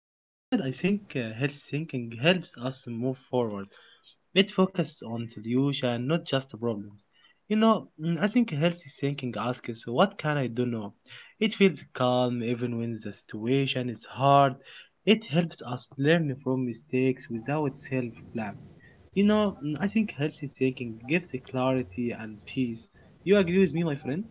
Ahmed, I think health thinking helps us move forward. It focuses on solution, not just problems. I think healthy thinking asks, what can I do now? It feels calm even when the situation is hard. It helps us learn from mistakes without self-blame. I think healthy thinking gives clarity and peace. You agree with me, my friend?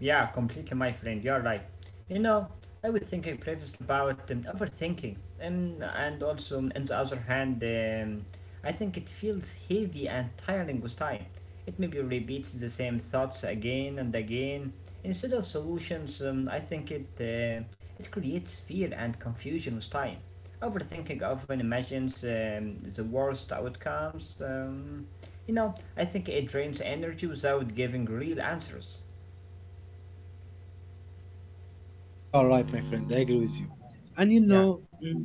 Yeah, completely, my friend. You're right. You know, I was thinking previously about overthinking, and also, on the other hand, I think it feels heavy and tiring with time. It maybe repeats the same thoughts again and again. Instead of solutions, I think it creates fear and confusion with time. Overthinking often imagines the worst outcomes. You know, I think it drains energy without giving real answers. You are right, my friend. I agree with you. And Yeah.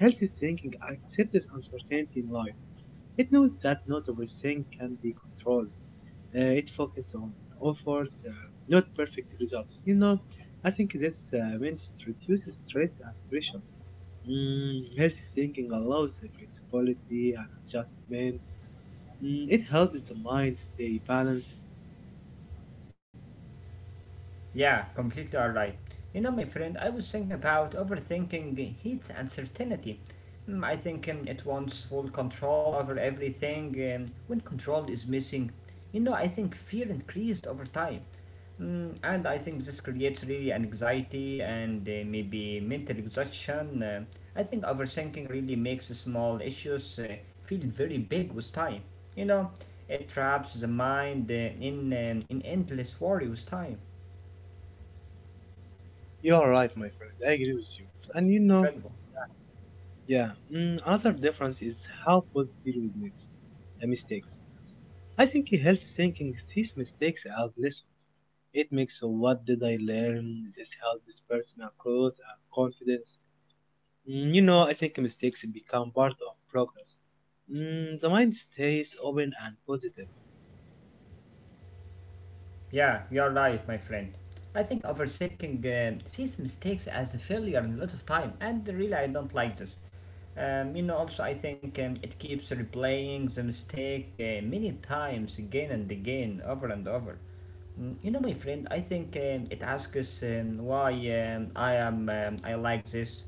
healthy thinking accepts uncertainty in life. It knows that not everything can be controlled. It focuses on effort, not perfect results. You know, I think this means it reduces stress and pressure. Healthy thinking allows the flexibility and adjustment. Mm, it helps the mind stay balanced. Yeah, completely alright. You know, my friend, I was thinking about overthinking heat and certainty. I think it wants full control over everything when control is missing. You know, I think fear increased over time. And I think this creates really an anxiety and maybe mental exhaustion. I think overthinking really makes small issues feel very big with time. You know, it traps the mind in endless worry with time. You are right, my friend. I agree with you. And you know, Incredible. yeah, another difference is how both deal with mistakes. I think healthy thinking sees mistakes as lessons. It makes a what did I learn? This helps personal growth and confidence. You know, I think mistakes become part of progress. Mm, the mind stays open and positive. Yeah, you're right, my friend. I think overthinking sees mistakes as a failure in a lot of time, and really I don't like this. You know, also I think it keeps replaying the mistake many times again and again, over and over. You know, my friend, I think it asks why I am I like this.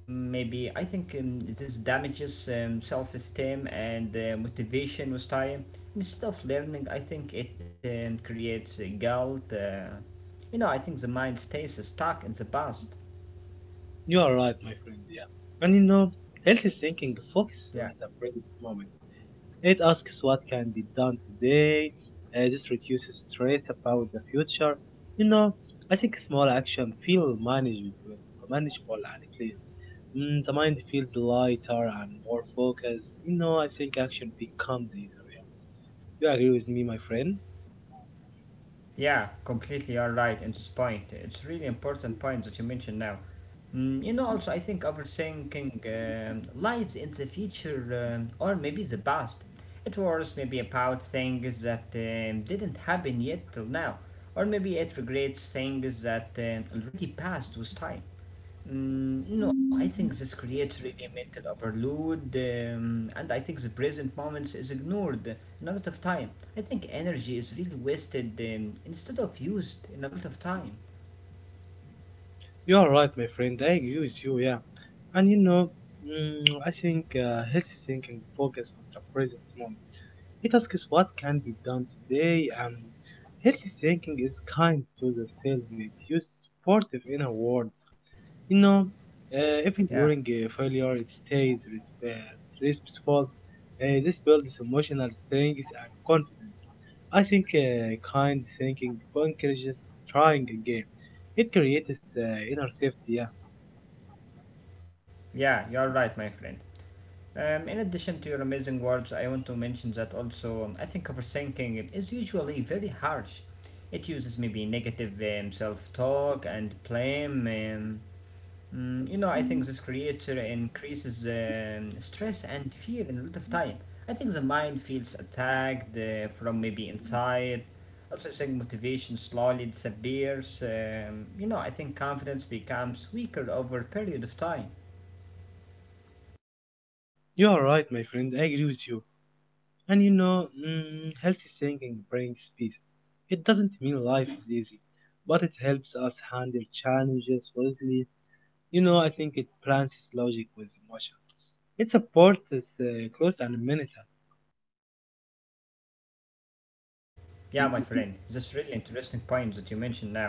Maybe I think this damages self-esteem and motivation with time. Instead of learning, I think it creates guilt. You know, I think the mind stays stuck in the past. You are right, my friend. Yeah, and you know, healthy thinking focuses Yeah. on the present moment. It asks what can be done today. This reduces stress about the future. You know, I think small action feel manageable, manageable and clear. Mm, the mind feels lighter and more focused. You know, I think action becomes easier. You agree with me, my friend? Yeah, completely you're right in this point. It's really important point that you mentioned now. You know, also I think overthinking lives in the future or maybe the past. It worries maybe about things that didn't happen yet till now, or maybe it regrets things that already passed with time. You know, I think this creates really mental overload, and I think the present moments is ignored in a lot of time. I think energy is really wasted instead of used in a lot of time. You are right, my friend. I agree with you, yeah. And you know, I think healthy thinking focus on the present moment. It asks what can be done today, and healthy thinking is kind to the self. It's used supportive inner words. You know, even Yeah, during a failure, it stays respectful. This builds emotional strength and confidence. I think kind thinking encourages trying again. It creates inner safety. Yeah, yeah, you're right, my friend. In addition to your amazing words, I want to mention that also I think overthinking is usually very harsh. It uses maybe negative self talk and blame. You know, I think this creature increases stress and fear in a lot of time. I think the mind feels attacked from maybe inside. Also, I think motivation slowly disappears. You know, I think confidence becomes weaker over a period of time. you are right, my friend. I agree with you. And you know, healthy thinking brings peace. It doesn't mean life is easy, but it helps us handle challenges wisely. You know, I think it balances logic with emotions. It supports close and mental. Yeah, my friend, that's really interesting point that you mentioned now.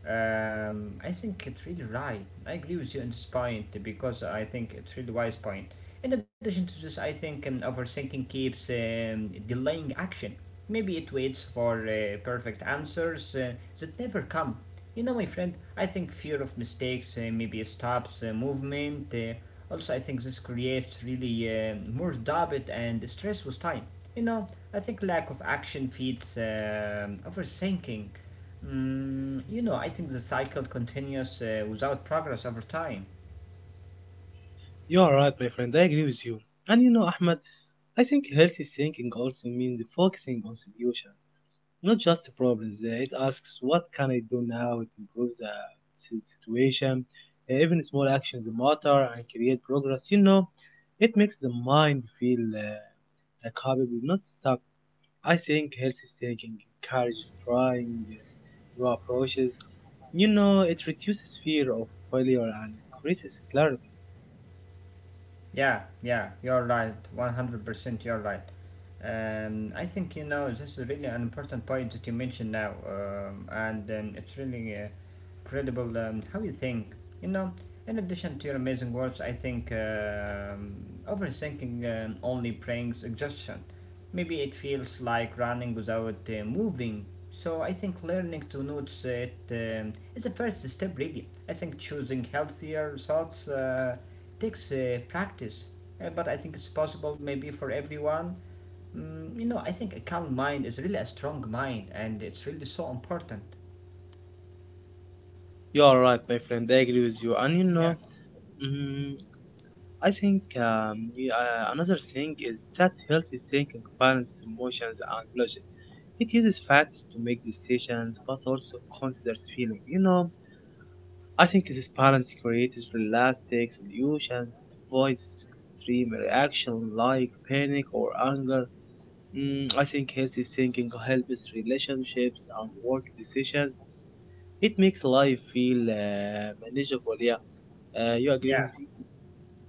I think it's really right. I agree with you on this point because I think it's really wise point. In addition to this, I think overthinking keeps delaying action. Maybe it waits for perfect answers that never come. You know, my friend, I think fear of mistakes maybe stops movement. Also, I think this creates really more doubt and stress with time. You know, I think lack of action feeds overthinking. You know, I think the cycle continues without progress over time. You are right, my friend. I agree with you. And you know, Ahmed, I think healthy thinking also means focusing on solutions, not just the problems. Uh, it asks what can I do now to improve the situation. Even small actions matter and create progress. You know, it makes the mind feel like capable, not stuck. I think healthy thinking encourages trying new approaches. You know, it reduces fear of failure and increases clarity. Yeah, yeah, you're right. 100% you're right. I think you know this is really an important point that you mentioned now, and it's really incredible how you think. You know, in addition to your amazing words, I think overthinking only brings exhaustion. Maybe it feels like running without moving. So I think learning to notice it is the first step, really. I think choosing healthier thoughts. Takes practice, but I think it's possible maybe for everyone. You know, I think a calm mind is really a strong mind, and it's really so important. You are right, my friend. I agree with you. And you know, Yeah. mm, I think yeah, another thing is that healthy thinking balances emotions and logic. It uses facts to make decisions, but also considers feeling. You know, I think this balance creates realistic solutions. It avoids extreme reaction like panic or anger. I think healthy thinking helps relationships and work decisions. It makes life feel manageable. Yeah, you agree Yeah. with me?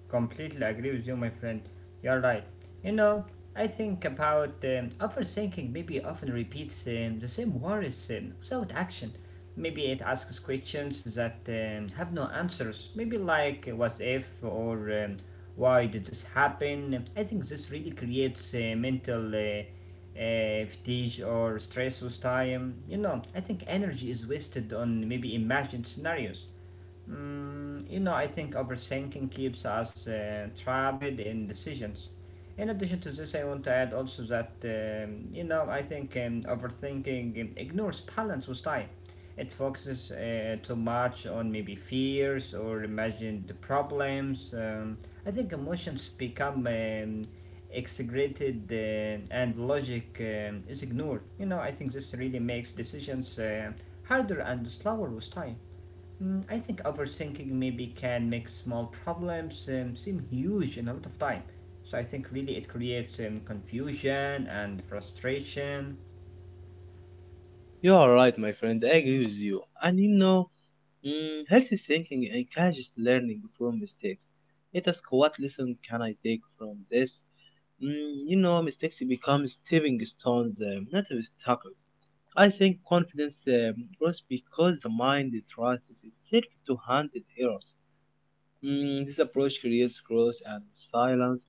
Completely agree with you, my friend. You're right. You know, I think about overthinking maybe often repeats the same worries without action. Maybe it asks questions that have no answers. Maybe like what if or why did this happen? I think this really creates mental fatigue or stress with time. You know, I think energy is wasted on maybe imagined scenarios. You know, I think overthinking keeps us trapped in decisions. In addition to this, I want to add also that, you know, I think overthinking ignores balance with time. It focuses too much on maybe fears or imagined problems. I think emotions become exaggerated and logic is ignored. You know, I think this really makes decisions harder and slower with time. I think overthinking maybe can make small problems seem huge in a lot of time. So I think really it creates confusion and frustration. You are right, my friend. I agree with you. And you know, healthy thinking encourages learning from mistakes. It asks what lesson can I take from this? You know, mistakes become stepping stones, not obstacles. I think confidence grows because the mind trusts itself to handle errors. Mm, this approach creates growth and silence.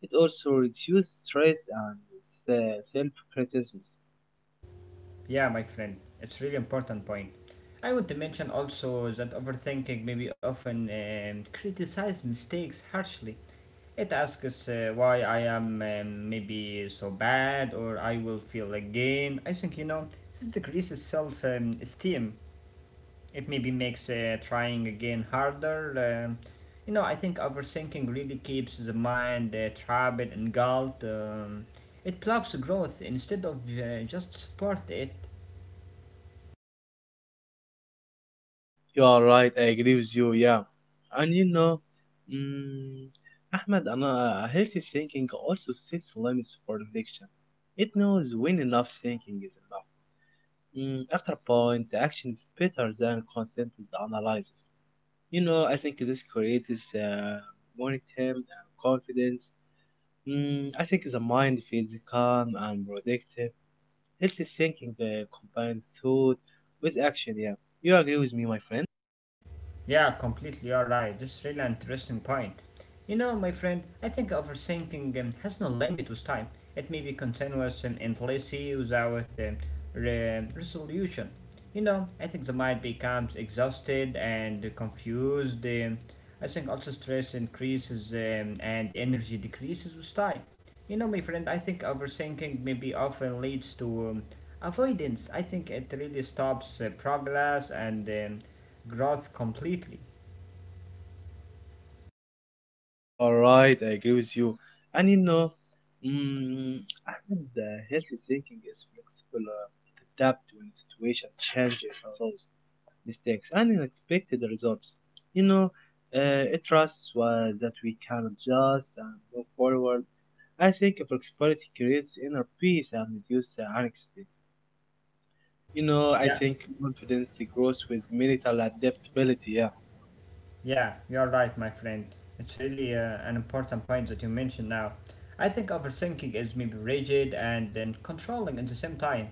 It also reduces stress and self-criticism. Yeah, my friend, it's really important point. I want to mention also that overthinking maybe often criticize mistakes harshly. It asks why I am maybe so bad or I will feel again. I think you know this decreases self esteem. It maybe makes trying again harder. You know, I think overthinking really keeps the mind trapped and galled. It blocks growth instead of just support it. You are right. I agree with you. Yeah, and you know, mm, Ahmed, and healthy thinking also sets limits for reflection. It knows when enough thinking is enough. Mm, after a point, the action is better than constant analysis. You know, I think this creates momentum and confidence. I think the mind feels calm and productive. Healthy thinking combines thought with action. Yeah, you agree with me, my friend? Yeah, completely, you're right. This is really an interesting point. You know, my friend, I think overthinking has no limit with time. It may be continuous and endlessly without resolution. You know, I think the mind becomes exhausted and confused. I think also stress increases and energy decreases with time. You know, my friend, I think overthinking maybe often leads to avoidance. I think it really stops progress and growth completely. You are right, I agree with you. And you know, mm, Ahmed, healthy thinking is flexible. Uh, it adapt when situation changes, allows mistakes and unexpected results. You know, it trusts that we can adjust and move forward. I think flexibility creates inner peace and reduces anxiety. You know, I Yeah. think confidence grows with mental adaptability. Yeah. Yeah, you're right, my friend. It's really an important point that you mentioned now. I think overthinking is maybe rigid and controlling at the same time.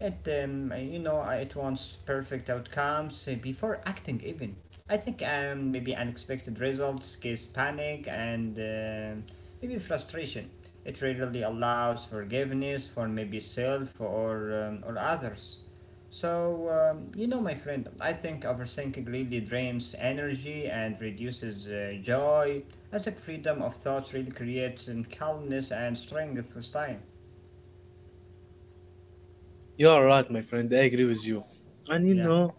It, it wants perfect outcomes before acting even. I think maybe unexpected results cause panic and maybe frustration. It rarely allows forgiveness for maybe self or others. So, you know, my friend, I think overthinking really drains energy and reduces joy. I think freedom of thought really creates calmness and strength with time. You are right, my friend. I agree with you. And you Yeah, know,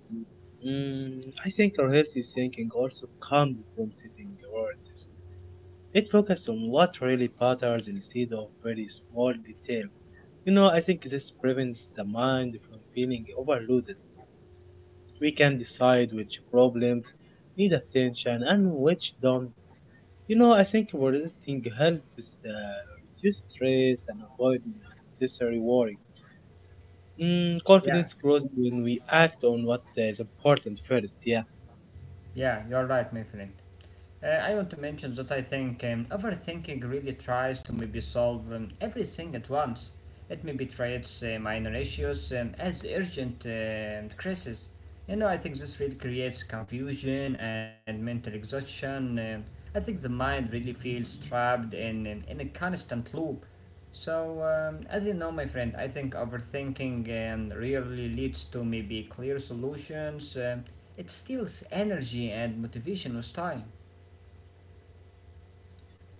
I think our healthy thinking also comes from setting priorities. It focuses on what really matters instead of very small detail. You know, I think this prevents the mind from feeling overloaded. We can decide which problems need attention and which don't. You know, I think resisting helps reduce stress and avoid unnecessary worry. Mm, yeah, confidence grows when we act on what is important first. Yeah, yeah, you're right, my friend. I want to mention that I think overthinking really tries to maybe solve everything at once. It maybe treats minor issues as urgent crises. You know, I think this really creates confusion and mental exhaustion. I think the mind really feels trapped in a constant loop. So, as you know, my friend, I think overthinking really leads to maybe clear solutions. It steals energy and motivation with time.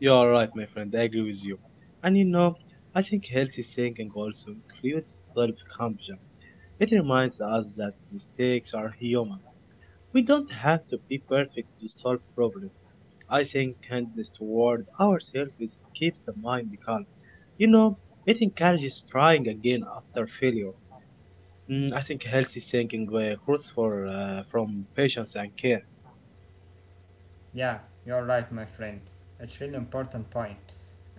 you are right, my friend. I agree with you. And you know, I think healthy thinking also includes self compassion. It reminds us that mistakes are human. We don't have to be perfect to solve problems. I think kindness toward ourselves keeps the mind calm. You know, it encourages trying again after failure. I think healthy thinking grows from patience and care. Yeah, you're right, my friend. It's really important point.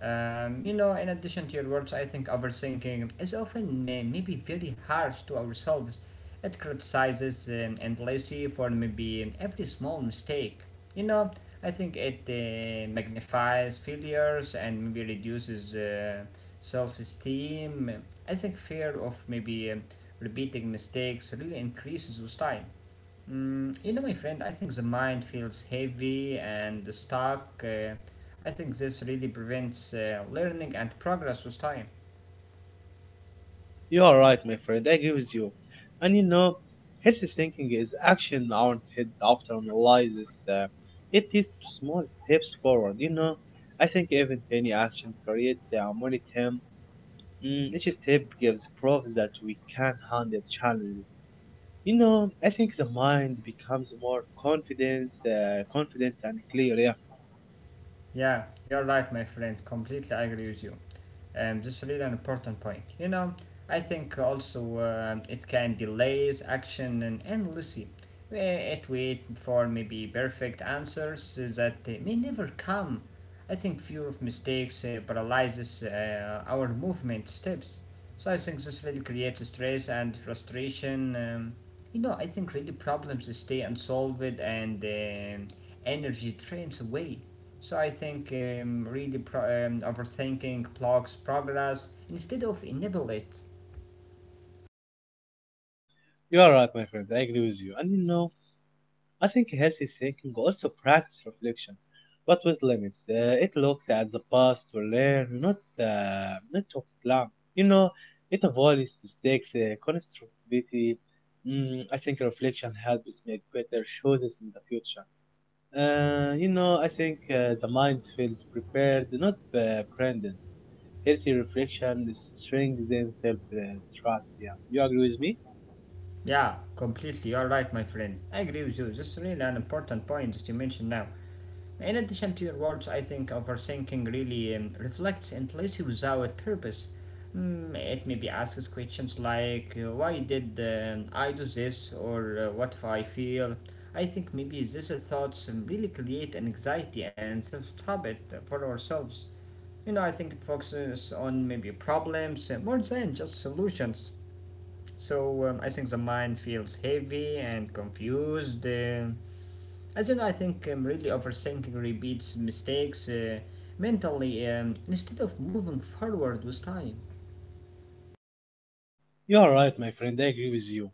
You know, in addition to your words, I think overthinking is often maybe very harsh to ourselves. It criticizes and lazy for maybe every small mistake. You know, I think it magnifies failures and maybe reduces self-esteem. I think fear of maybe repeating mistakes really increases with time. You know, my friend, I think the mind feels heavy and stuck. I think this really prevents learning and progress with time. You are right, my friend. I agree with you. And you know, healthy thinking is action oriented, often analyzes it leads to small steps forward. You know, I think even tiny action creates the momentum. Mm, each step gives proof that we can handle challenges. You know, I think the mind becomes more confident and clear. Yeah, Yeah, you're right, my friend. Completely agree with you. This is really an important point. You know, I think also it can delays action and endlessly. It wait for maybe perfect answers that may never come. I think fear of mistakes paralyzes our movement steps. So I think this really creates stress and frustration. You know, I think really problems stay unsolved and energy drains away. So I think overthinking blocks progress instead of enable it. you are right, my friend. I agree with you. And you know, I think healthy thinking also practice reflection, but with limits. It looks at the past to learn, not to plan. You know, it avoids mistakes, constructivity. I think reflection helps make better choices in the future. You know, I think the mind feels prepared, not burdened. Healthy reflection strengthens self trust. Yeah, you agree with me? Yeah, completely. You're right, my friend. I agree with you. This is really an important point that you mentioned now. In addition to your words, I think overthinking really reflects and lives without purpose. It maybe asks questions like why did I do this or what if I feel. I think maybe these thoughts really create anxiety and self-habit for ourselves. You know, I think it focuses on maybe problems more than just solutions. So I think the mind feels heavy and confused. As you know, I think really overthinking repeats mistakes mentally instead of moving forward with time. You are right, my friend. I agree with you.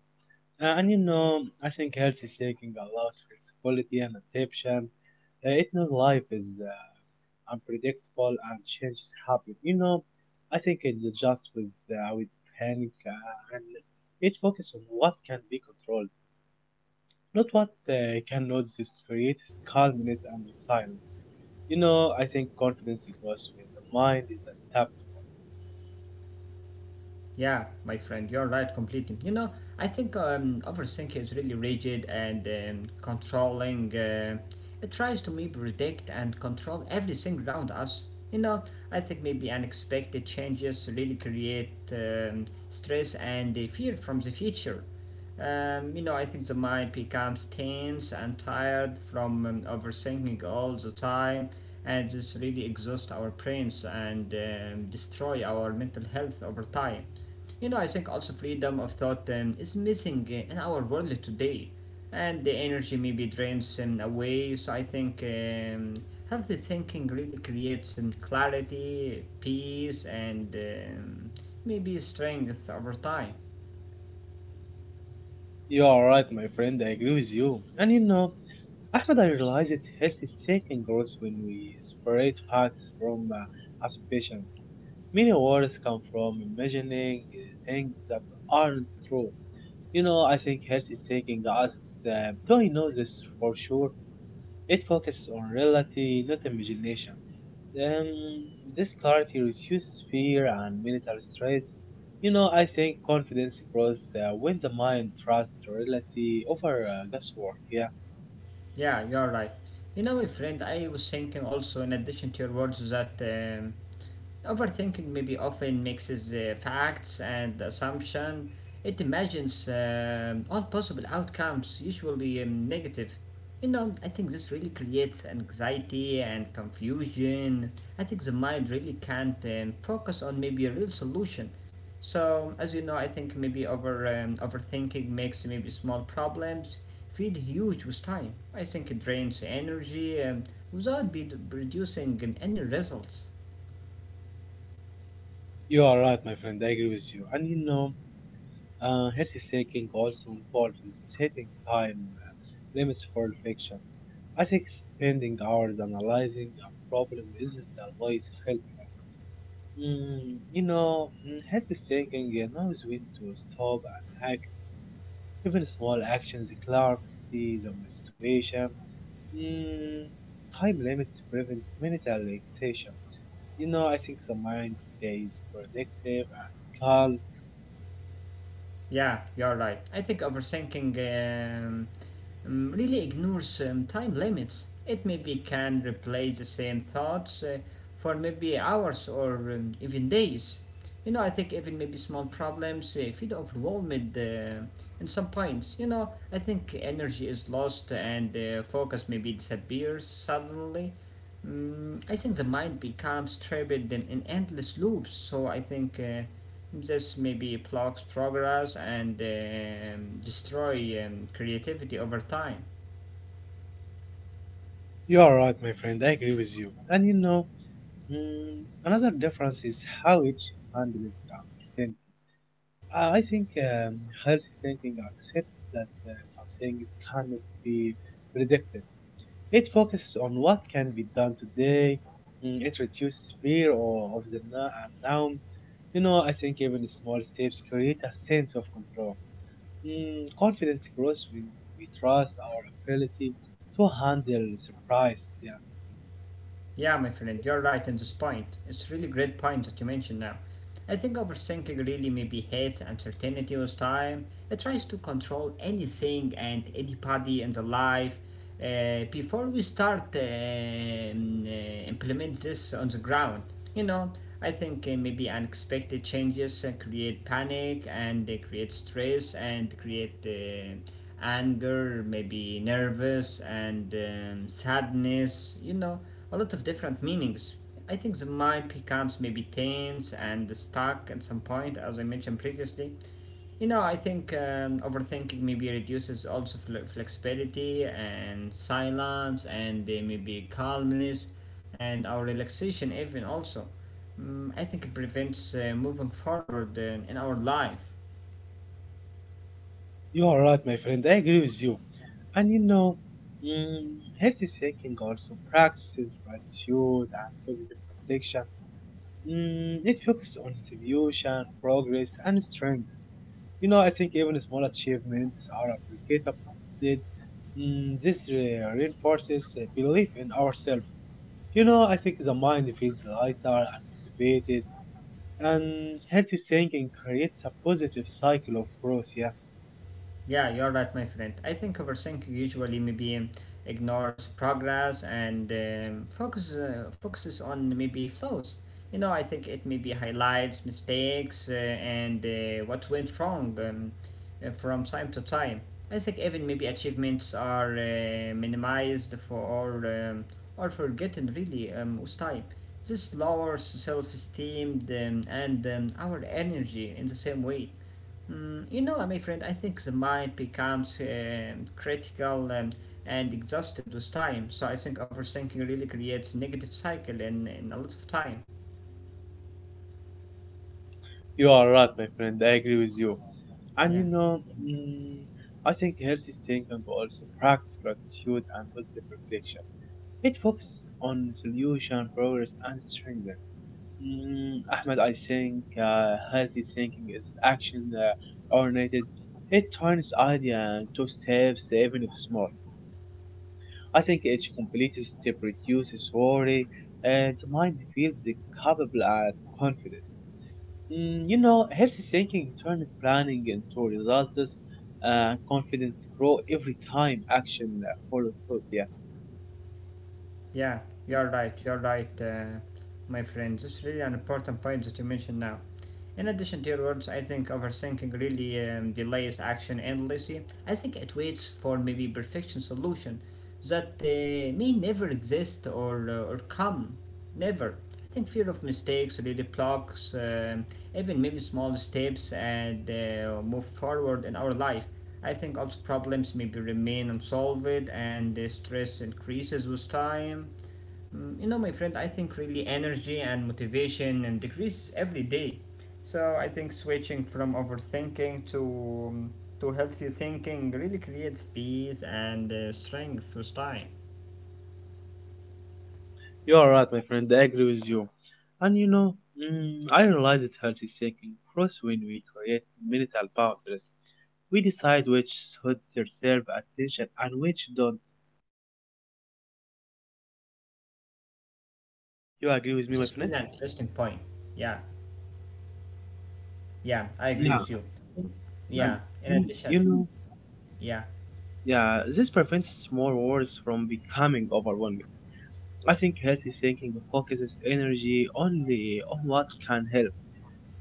And you know, I think healthy thinking allows flexibility and adaptation. It knows life is unpredictable and changes happen. You know, I think it adjusts with panic and it focuses on what can be controlled, not what cannot. This creates calmness and resilience. You know, I think confidence grows when the mind is adaptable. Yeah, my friend, you're right completely. You know, I think overthinking is really rigid and controlling. It tries to maybe predict and control everything around us. You know, I think maybe unexpected changes really create stress and fear from the future. You know, I think the mind becomes tense and tired from overthinking all the time, and this really exhausts our brains and destroy our mental health over time. You know, I think also freedom of thought is missing in our world today, and the energy maybe drains away. So I think healthy thinking really creates clarity, peace, and maybe strength over time. You are right, my friend. I agree with you. And you know, Ahmed, I realize that health is taking growth when we separate facts from assumptions. Many words come from imagining things that aren't true. You know, I think health is taking asks, do I know this for sure? It focuses on reality, not imagination. Um, this clarity reduces fear and mental stress. You know, I think confidence grows when the mind trusts reality over guesswork. Yeah. Yeah, you're right. You know, my friend, I was thinking also, in addition to your words, that overthinking maybe often mixes facts and assumption. It imagines all possible outcomes, usually negative. You know, I think this really creates anxiety and confusion. I think the mind really can't focus on maybe a real solution. So, as you know, I think maybe overthinking makes maybe small problems feel huge with time. I think it drains energy without be producing any results. You are right, my friend. I agree with you. And you know, healthy thinking also involves setting time limits for reflection. I think spending hours analyzing a problem isn't always helpful. Healthy thinking knows when to stop and act. Even small actions clarity on the situation. Mm, time limits prevent mental relaxation. You know, I think the mind stays productive and calm. Yeah, you're right. I think overthinking really ignores time limits. It maybe can replay the same thoughts for maybe hours or even days. You know, I think even maybe small problems feel overwhelmed in some points. You know, I think energy is lost and focus maybe disappears suddenly. Mm, I think the mind becomes trapped in endless loops. So I think. This maybe blocks progress and destroy creativity over time. You are right, my friend. I agree with you. And you know, another difference is how each handles uncertainty. I think healthy thinking accepts that something cannot be predicted. It focuses on what can be done today. Mm, it reduces fear or of the now and now. You know, I think even small steps create a sense of control. Mm, confidence grows when we trust our ability to handle surprise. Yeah. Yeah, my friend, you're right on this point. It's really great point that you mentioned now. I think overthinking really maybe hates uncertainty with time. It tries to control anything and anybody in the life. Before we start implement this on the ground, you know, I think maybe unexpected changes create panic and they create stress and create anger, maybe nervous, and sadness, you know, a lot of different meanings. I think the mind becomes maybe tense and stuck at some point, as I mentioned previously. You know, I think overthinking maybe reduces also flexibility and silence and maybe calmness and our relaxation, even also. Mm, I think it prevents moving forward in our life. You are right, my friend. I agree with you. And you know, healthy thinking also practices gratitude and positive reflection. Mm, it focuses on attribution, progress, and strength. You know, I think even small achievements are appreciated. This reinforces belief in ourselves. You know, I think the mind feels lighter and motivated, and healthy thinking creates a positive cycle of growth. Yeah. Yeah, you're right, my friend. I think overthinking usually maybe ignores progress and focuses on maybe flaws. You know, I think it maybe highlights mistakes and what went wrong from time to time. I think even maybe achievements are minimized or forgotten really with time. This lowers self-esteem and our energy in the same way. Mm, you know, my friend, I think the mind becomes critical and exhausted with time. So I think overthinking really creates a negative cycle in a lot of time. You are right, my friend. I agree with you. And Yeah, you know, I think healthy thinking also practice gratitude and positive reflection. It focuses on solution, progress, and strength. Ahmed, I think healthy thinking is action oriented. It turns idea into steps, even if small. I think each completed step reduces worry, and the mind feels capable and confident. You know, healthy thinking turns planning into results, and confidence grow every time action follows through. Yeah, yeah, you're right, my friend. This is really an important point that you mentioned now. In addition to your words, I think overthinking really delays action endlessly. I think it waits for maybe perfection solution that may never exist or come. Never. I think fear of mistakes really blocks even maybe small steps and move forward in our life. I think also problems maybe remain unsolved and the stress increases with time. Mm, you know, my friend, I think really energy and motivation and decrease every day. So I think switching from overthinking um, to healthy thinking really creates peace and strength with time. you are right, my friend. I agree with you. And you know, I realize that healthy thinking grows when we create mental boundaries. We decide which should deserve attention and which don't. Yeah, You my agree with friend, me, my just friend? really interesting point. Yeah, yeah, I agree Yeah, with you. and Yeah, in you addition, you know, yeah, yeah, this prevents small wars from becoming overwhelming. I think healthy thinking focuses energy only on what can help.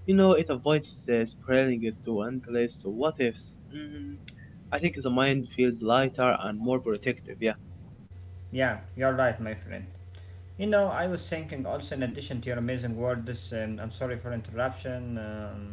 It avoids spreading it to endless what ifs. I think the mind feels lighter and more protective, yeah. yeah, you're right, my friend. You know, I was thinking also in addition to your amazing word, this, and I'm sorry for interruption.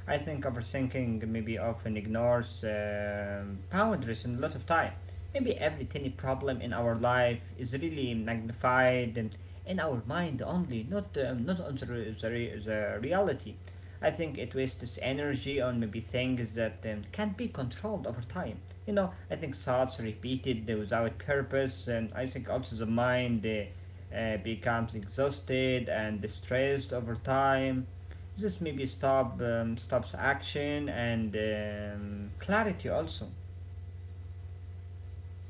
I think overthinking maybe often ignores boundaries in a lot of time. Maybe every tiny problem in our life is really magnified in our mind only, not on the reality. I think it wastes energy on maybe things that can be controlled over time. You know, I think thoughts repeated without purpose, and I think also the mind becomes exhausted and distressed over time. This maybe stops action and clarity also.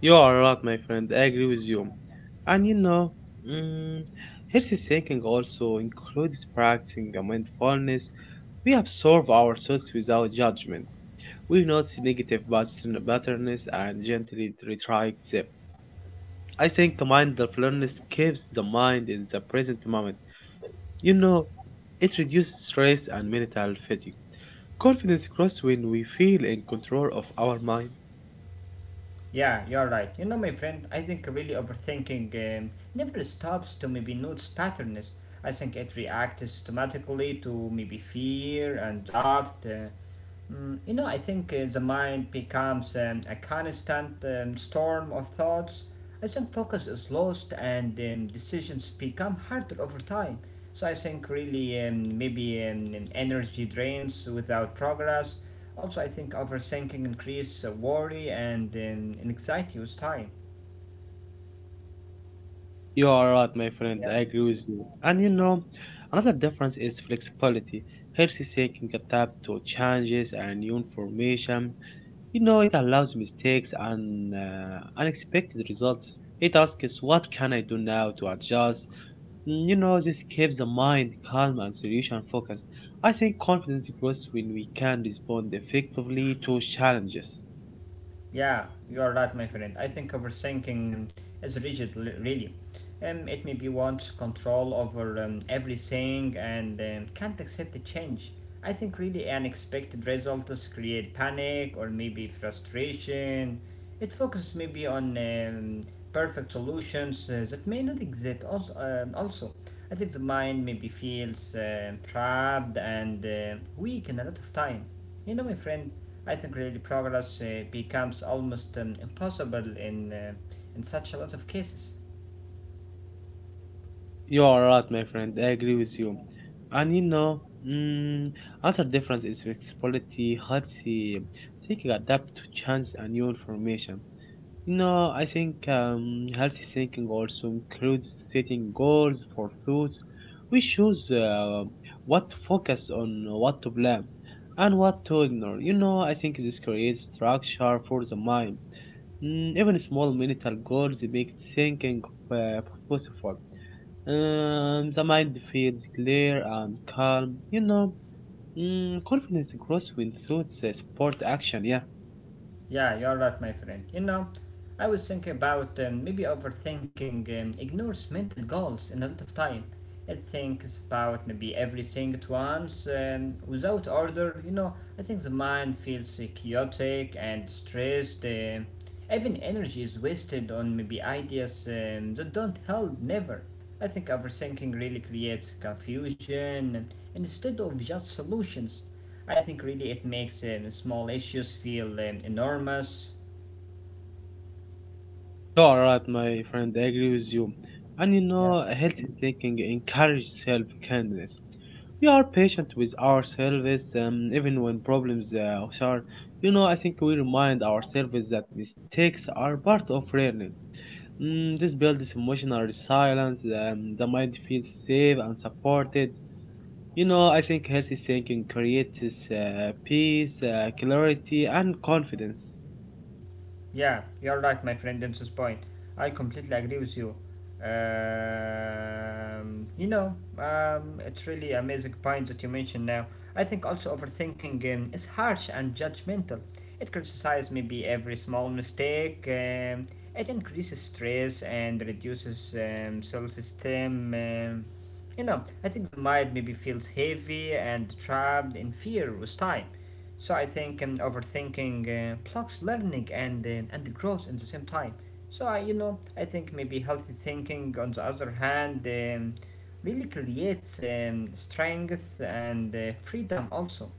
You are right, my friend. I agree with you. And mm, healthy thinking also includes practicing mindfulness. We absorb our thoughts without judgment. We notice negative patterns and gently retract them. I think mindfulness keeps the mind in the present moment. You know, it reduces stress and mental fatigue. Confidence grows when we feel in control of our mind. Yeah, you're right. You know, my friend, I think really overthinking never stops to maybe notice patterns. I think it reacts automatically to maybe fear and doubt. You know, I think the mind becomes a constant storm of thoughts as then focus is lost and decisions become harder over time. So I think really maybe energy drains without progress. Also, I think overthinking increases worry and anxiety with time. You are right, my friend. Yeah. I agree with you. And you know, another difference is flexibility. Healthy thinking adapt to changes and new information. You know, it allows mistakes and unexpected results. It asks, what can I do now to adjust? You know, this keeps the mind calm and solution focused. I think confidence grows when we can respond effectively to challenges. Yeah, you're right, my friend. I think overthinking is rigid, really. It maybe wants control over everything and can't accept the change. I think really unexpected results create panic or maybe frustration. It focuses maybe on perfect solutions that may not exist. Also, I think the mind maybe feels trapped and weak in a lot of time. You know, my friend, I think really progress becomes almost impossible in such a lot of cases. You are right, my friend. I agree with you. And mm, another difference is flexibility, healthy, taking adapt to change and new information. No, I think healthy thinking also includes setting goals for foods. We choose what to focus on, what to blame, and what to ignore. You know, I think this creates structure for the mind. Mm, even small mental goals make thinking uh, possible. The mind feels clear and calm. You know, confidence grows when thoughts support action. Yeah. Yeah, you're right, my friend. You know, I was thinking about maybe overthinking ignores mental goals in a lot of time. It thinks about maybe everything at once, without order. You know, I think the mind feels chaotic and stressed. Even energy is wasted on maybe ideas that don't help never. I think overthinking really creates confusion instead of just solutions. I think really it makes small issues feel enormous. You are right, my friend. I agree with you. And you know, Yeah. healthy thinking encourages self kindness. We are patient with ourselves, even when problems are. You know, I think we remind ourselves that mistakes are part of learning. Mm, this builds emotional resilience. The mind feels safe and supported. You know, I think healthy thinking creates peace, clarity, and confidence. Yeah, you're right, my friend, on this point. I completely agree with you. You know, it's really amazing point that you mentioned now. I think also overthinking is harsh and judgmental. It criticizes maybe every small mistake. It increases stress and reduces self-esteem. You know, I think the mind maybe feels heavy and trapped in fear with time. So I think overthinking blocks learning and and growth at the same time. So you know, I think maybe healthy thinking, on the other hand, really creates strength and freedom also.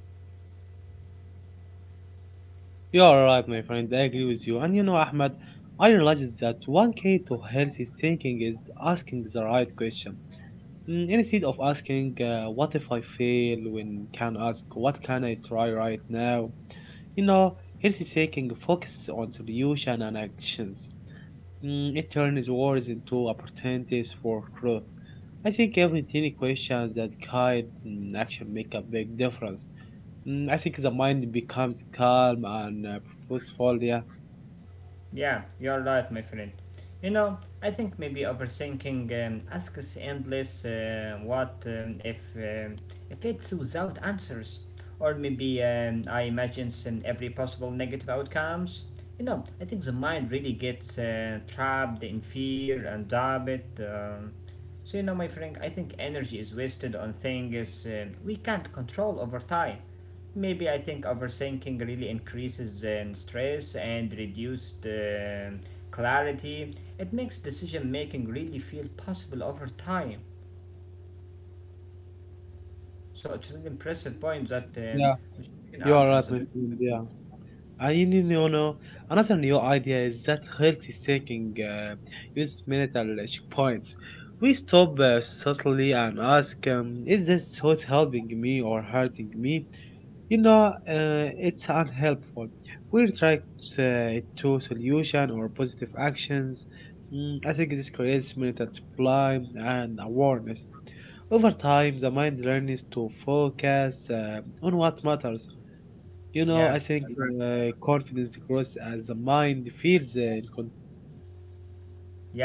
You are right, my friend. I agree with you. And you know, Ahmed, I realized that one key to healthy thinking is asking the right question. Mm, instead of asking, what if I fail, when can ask, what can I try right now? You know, healthy thinking focuses on solution and actions. Mm, it turns words into opportunities for growth. I think every tiny question that guide action make a big difference. Mm, I think the mind becomes calm and purposeful. Yeah. Yeah, you're right, my friend. You know, I think maybe overthinking asks endless what if it's without answers, or maybe I imagine some every possible negative outcomes. You know, I think the mind really gets trapped in fear and doubt. Um, so you know, my friend, I think energy is wasted on things we can't control over time. Maybe I think overthinking really increases stress and reduced clarity. It makes decision making really feel possible over time. So it's an impressive point that Yeah, we you are are right, my considering. friend. Yeah, I mean, you know, another new idea is that healthy thinking uses mental checkpoints. We stop subtly and ask, is this what's helping me or hurting me? You know, it's unhelpful. We try to solution or positive actions. Mm, I think this creates mental supply and awareness. Over time, the mind learns to focus on what matters. You know, Yeah. I think confidence grows as the mind feels in control.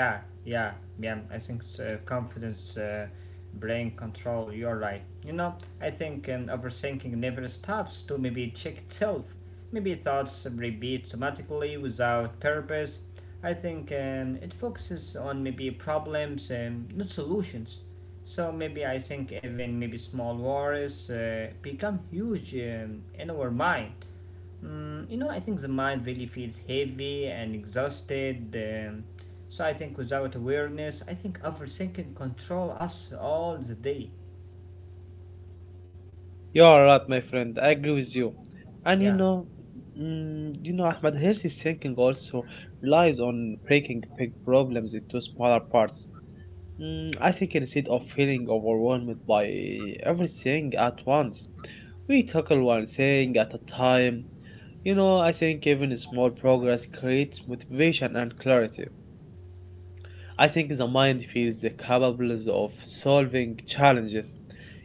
Yeah, yeah, yeah. I think confidence, brain control. You're right. You know, I think overthinking never stops to maybe check itself. Maybe thoughts repeat automatically without purpose. I think it focuses on maybe problems, not solutions. So maybe I think even maybe small worries become huge in our mind. Mm, you know, I think the mind really feels heavy and exhausted. So I think without awareness, I think overthinking control us all the day. You are right, my friend. I agree with you. And Yeah, you know, Ahmed, healthy thinking also relies on breaking big problems into smaller parts. Mm, I think instead of feeling overwhelmed by everything at once, we tackle one thing at a time. You know, I think even small progress creates motivation and clarity. I think the mind feels the capable of solving challenges.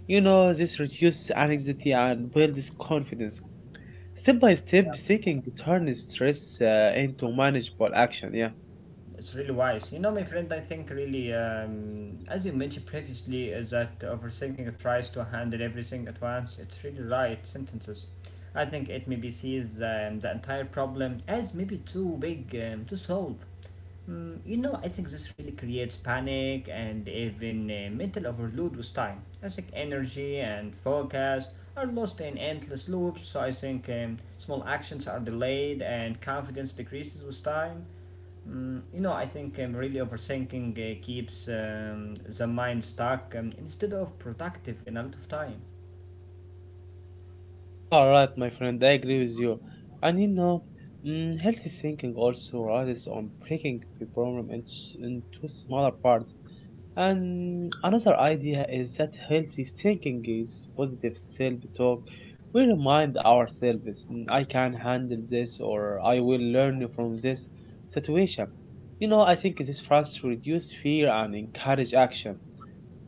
You know, this reduces anxiety and builds confidence. Step by step, thinking turns stress into manageable action. Yeah. it's really wise. You know, my friend, I think really, as you mentioned previously, is that overthinking tries to handle everything at once. It's really right sentences. I think it maybe sees the entire problem as maybe too big to solve. Mm, you know, I think this really creates panic and even mental overload with time. I think energy and focus are lost in endless loops, so I think small actions are delayed and confidence decreases with time. Mm, you know, I think really overthinking keeps the mind stuck instead of productive in a lot of time. You are right, my friend. I agree with you. And healthy thinking also relies on breaking the problem into smaller parts. And another idea is that healthy thinking is positive self talk. We remind ourselves, "Mm, I can handle this or I will learn from this situation." You know, I think this tries to reduce fear and encourage action.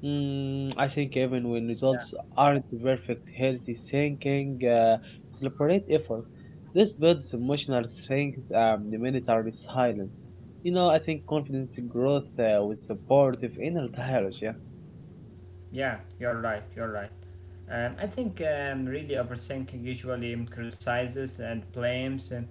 Mm, I think even when results aren't perfect, healthy thinking celebrate effort. This builds emotional strength, the minute are. You know, I think confidence growth with supportive inner dialogue. Yeah, Yeah, You're right, you're right. I think really overthinking usually criticizes and blames.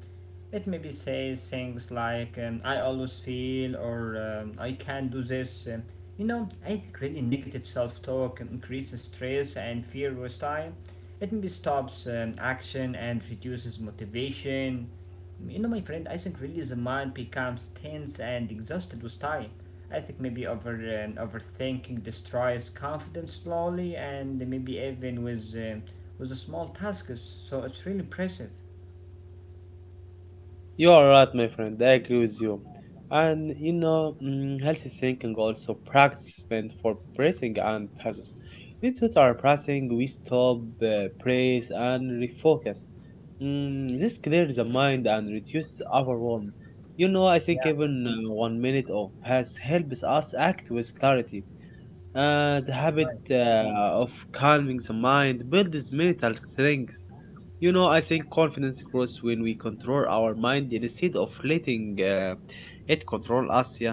It maybe says things like "I always feel" or "I can't do this." You know, I think really negative self-talk increases stress and fear with time. It maybe stops action and reduces motivation. You know, my friend, I think really the mind becomes tense and exhausted with time. I think maybe overthinking destroys confidence slowly, and maybe even with the small tasks. So it's really impressive. you are right, my friend. I agree with you. And healthy thinking also practice meant for praising and passes. These two are pressing, we stop, praise, and refocus. Mm, this clears the mind and reduces overwhelm. You know, I Yeah, think even 1 minute of pause helps us act with clarity. The you're habit right. Of calming the mind builds mental strength. You know, I think confidence grows when we control our mind instead of letting it control us. Yeah,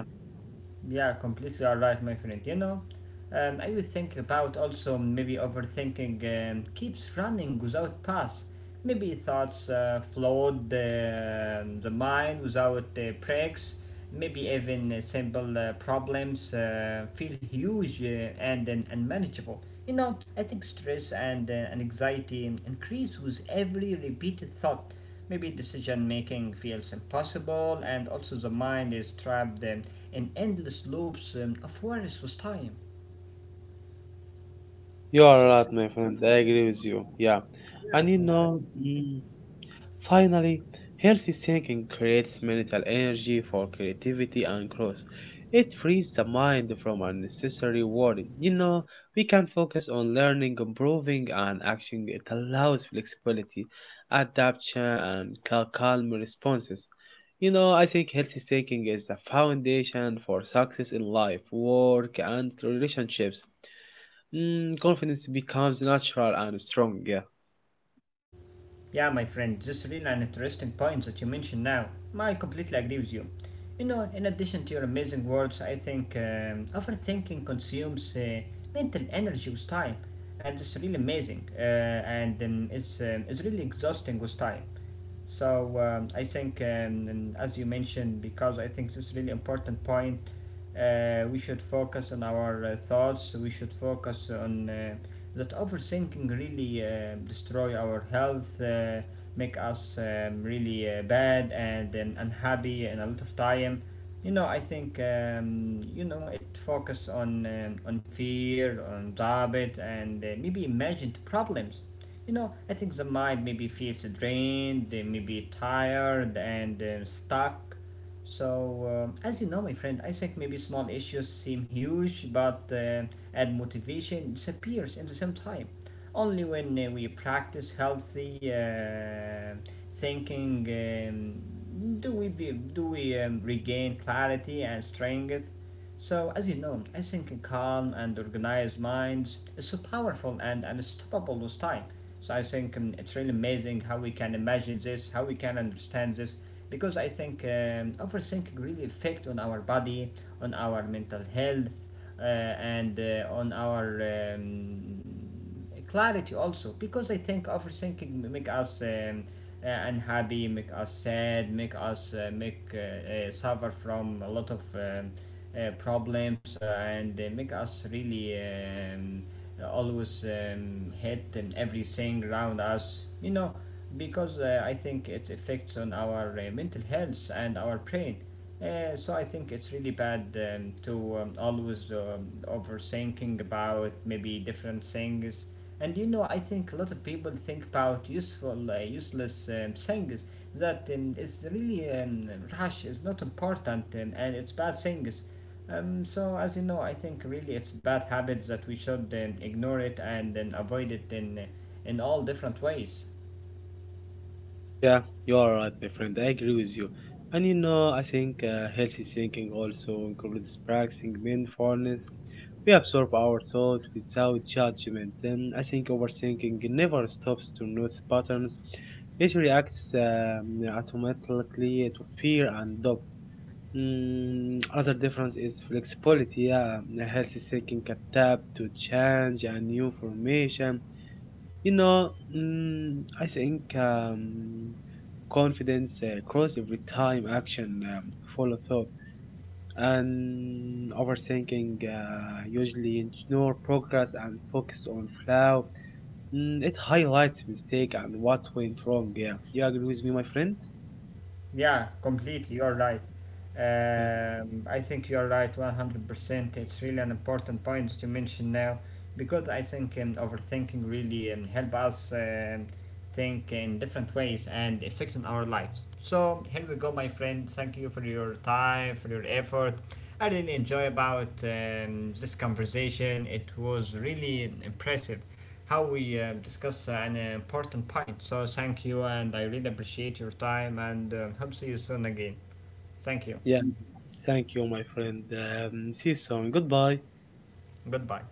Yeah, completely all right, my friend. You know, I was thinking about also maybe overthinking keeps running without pause. Maybe thoughts flood the mind without breaks. Maybe even simple problems feel huge and then unmanageable. You know, I think stress and and anxiety increase with every repeated thought. Maybe decision making feels impossible, and also the mind is trapped in endless loops of awareness with time. you So, are it's, really, right, my friend. I agree with you. Yeah, yeah, and you my friend. know. Finally, healthy thinking creates mental energy for creativity and growth. It frees the mind from unnecessary worry. You know, we can focus on learning, improving, and action. It allows flexibility, adaptation, and calm responses. You know, I think healthy thinking is the foundation for success in life, work, and relationships. Mm, confidence becomes natural and strong. Yeah. Yeah, my friend, this is really an interesting point that you mentioned now. I completely agree with you. You know, in addition to your amazing words, I think overthinking consumes mental energy with time, and it's really amazing, and it's really exhausting with time. So and as you mentioned, because I think this is really important point, we should focus on our thoughts. We should focus on that overthinking really destroy our health, make us really bad and unhappy and a lot of time. You know, I think you know it focus on fear, on doubt, and maybe imagined problems, you know, I think the mind maybe feels drained, maybe tired and stuck. So, as you know, my friend, I think maybe small issues seem huge, but and motivation disappears in the same time. Only when we practice healthy thinking do we do we regain clarity and strength. So, as you know, I think a calm and organized minds is so powerful and unstoppable with time. So I think it's really amazing how we can imagine this, how we can understand this, because I think overthinking really affect on our body, on our mental health, and on our clarity also. Because I think overthinking make us unhappy, make us sad, make us make suffer from a lot of problems, and make us really. Always hit in everything around us, you know, because I think it affects on our mental health and our brain. So I think it's really bad to always overthinking about maybe different things. And you know, I think a lot of people think about useless things that is really rush. Is not important, and it's bad things. So as you know, I think really it's bad habits that we should ignore it and then avoid it in all different ways. Yeah, you are right, my friend. I agree with you. And you know, I think healthy thinking also includes practicing mindfulness. We absorb our thought without judgment. And I think overthinking never stops to notice patterns. It reacts automatically to fear and doubt. Mm, other difference is flexibility. Yeah, healthy thinking can adapt to change and new information. You know, I think confidence grows with time, action, follow thought, and overthinking usually ignore progress and focus on flow. Mm, it highlights mistake and what went wrong. Yeah, you agree with me, my friend? Yeah, completely. You're right. Yeah, I think you're right 100%. It's really an important point that you mentioned now because I think overthinking really help us think in different ways and affecting our lives. So here we go, my friend. Thank you for your time, for your effort. I really enjoy about this conversation. It was really impressive how we discuss an important point. So thank you, and I really appreciate your time, and hope to see you soon again. Thank you. yeah. Thank you, my friend. See you soon. Goodbye. Goodbye.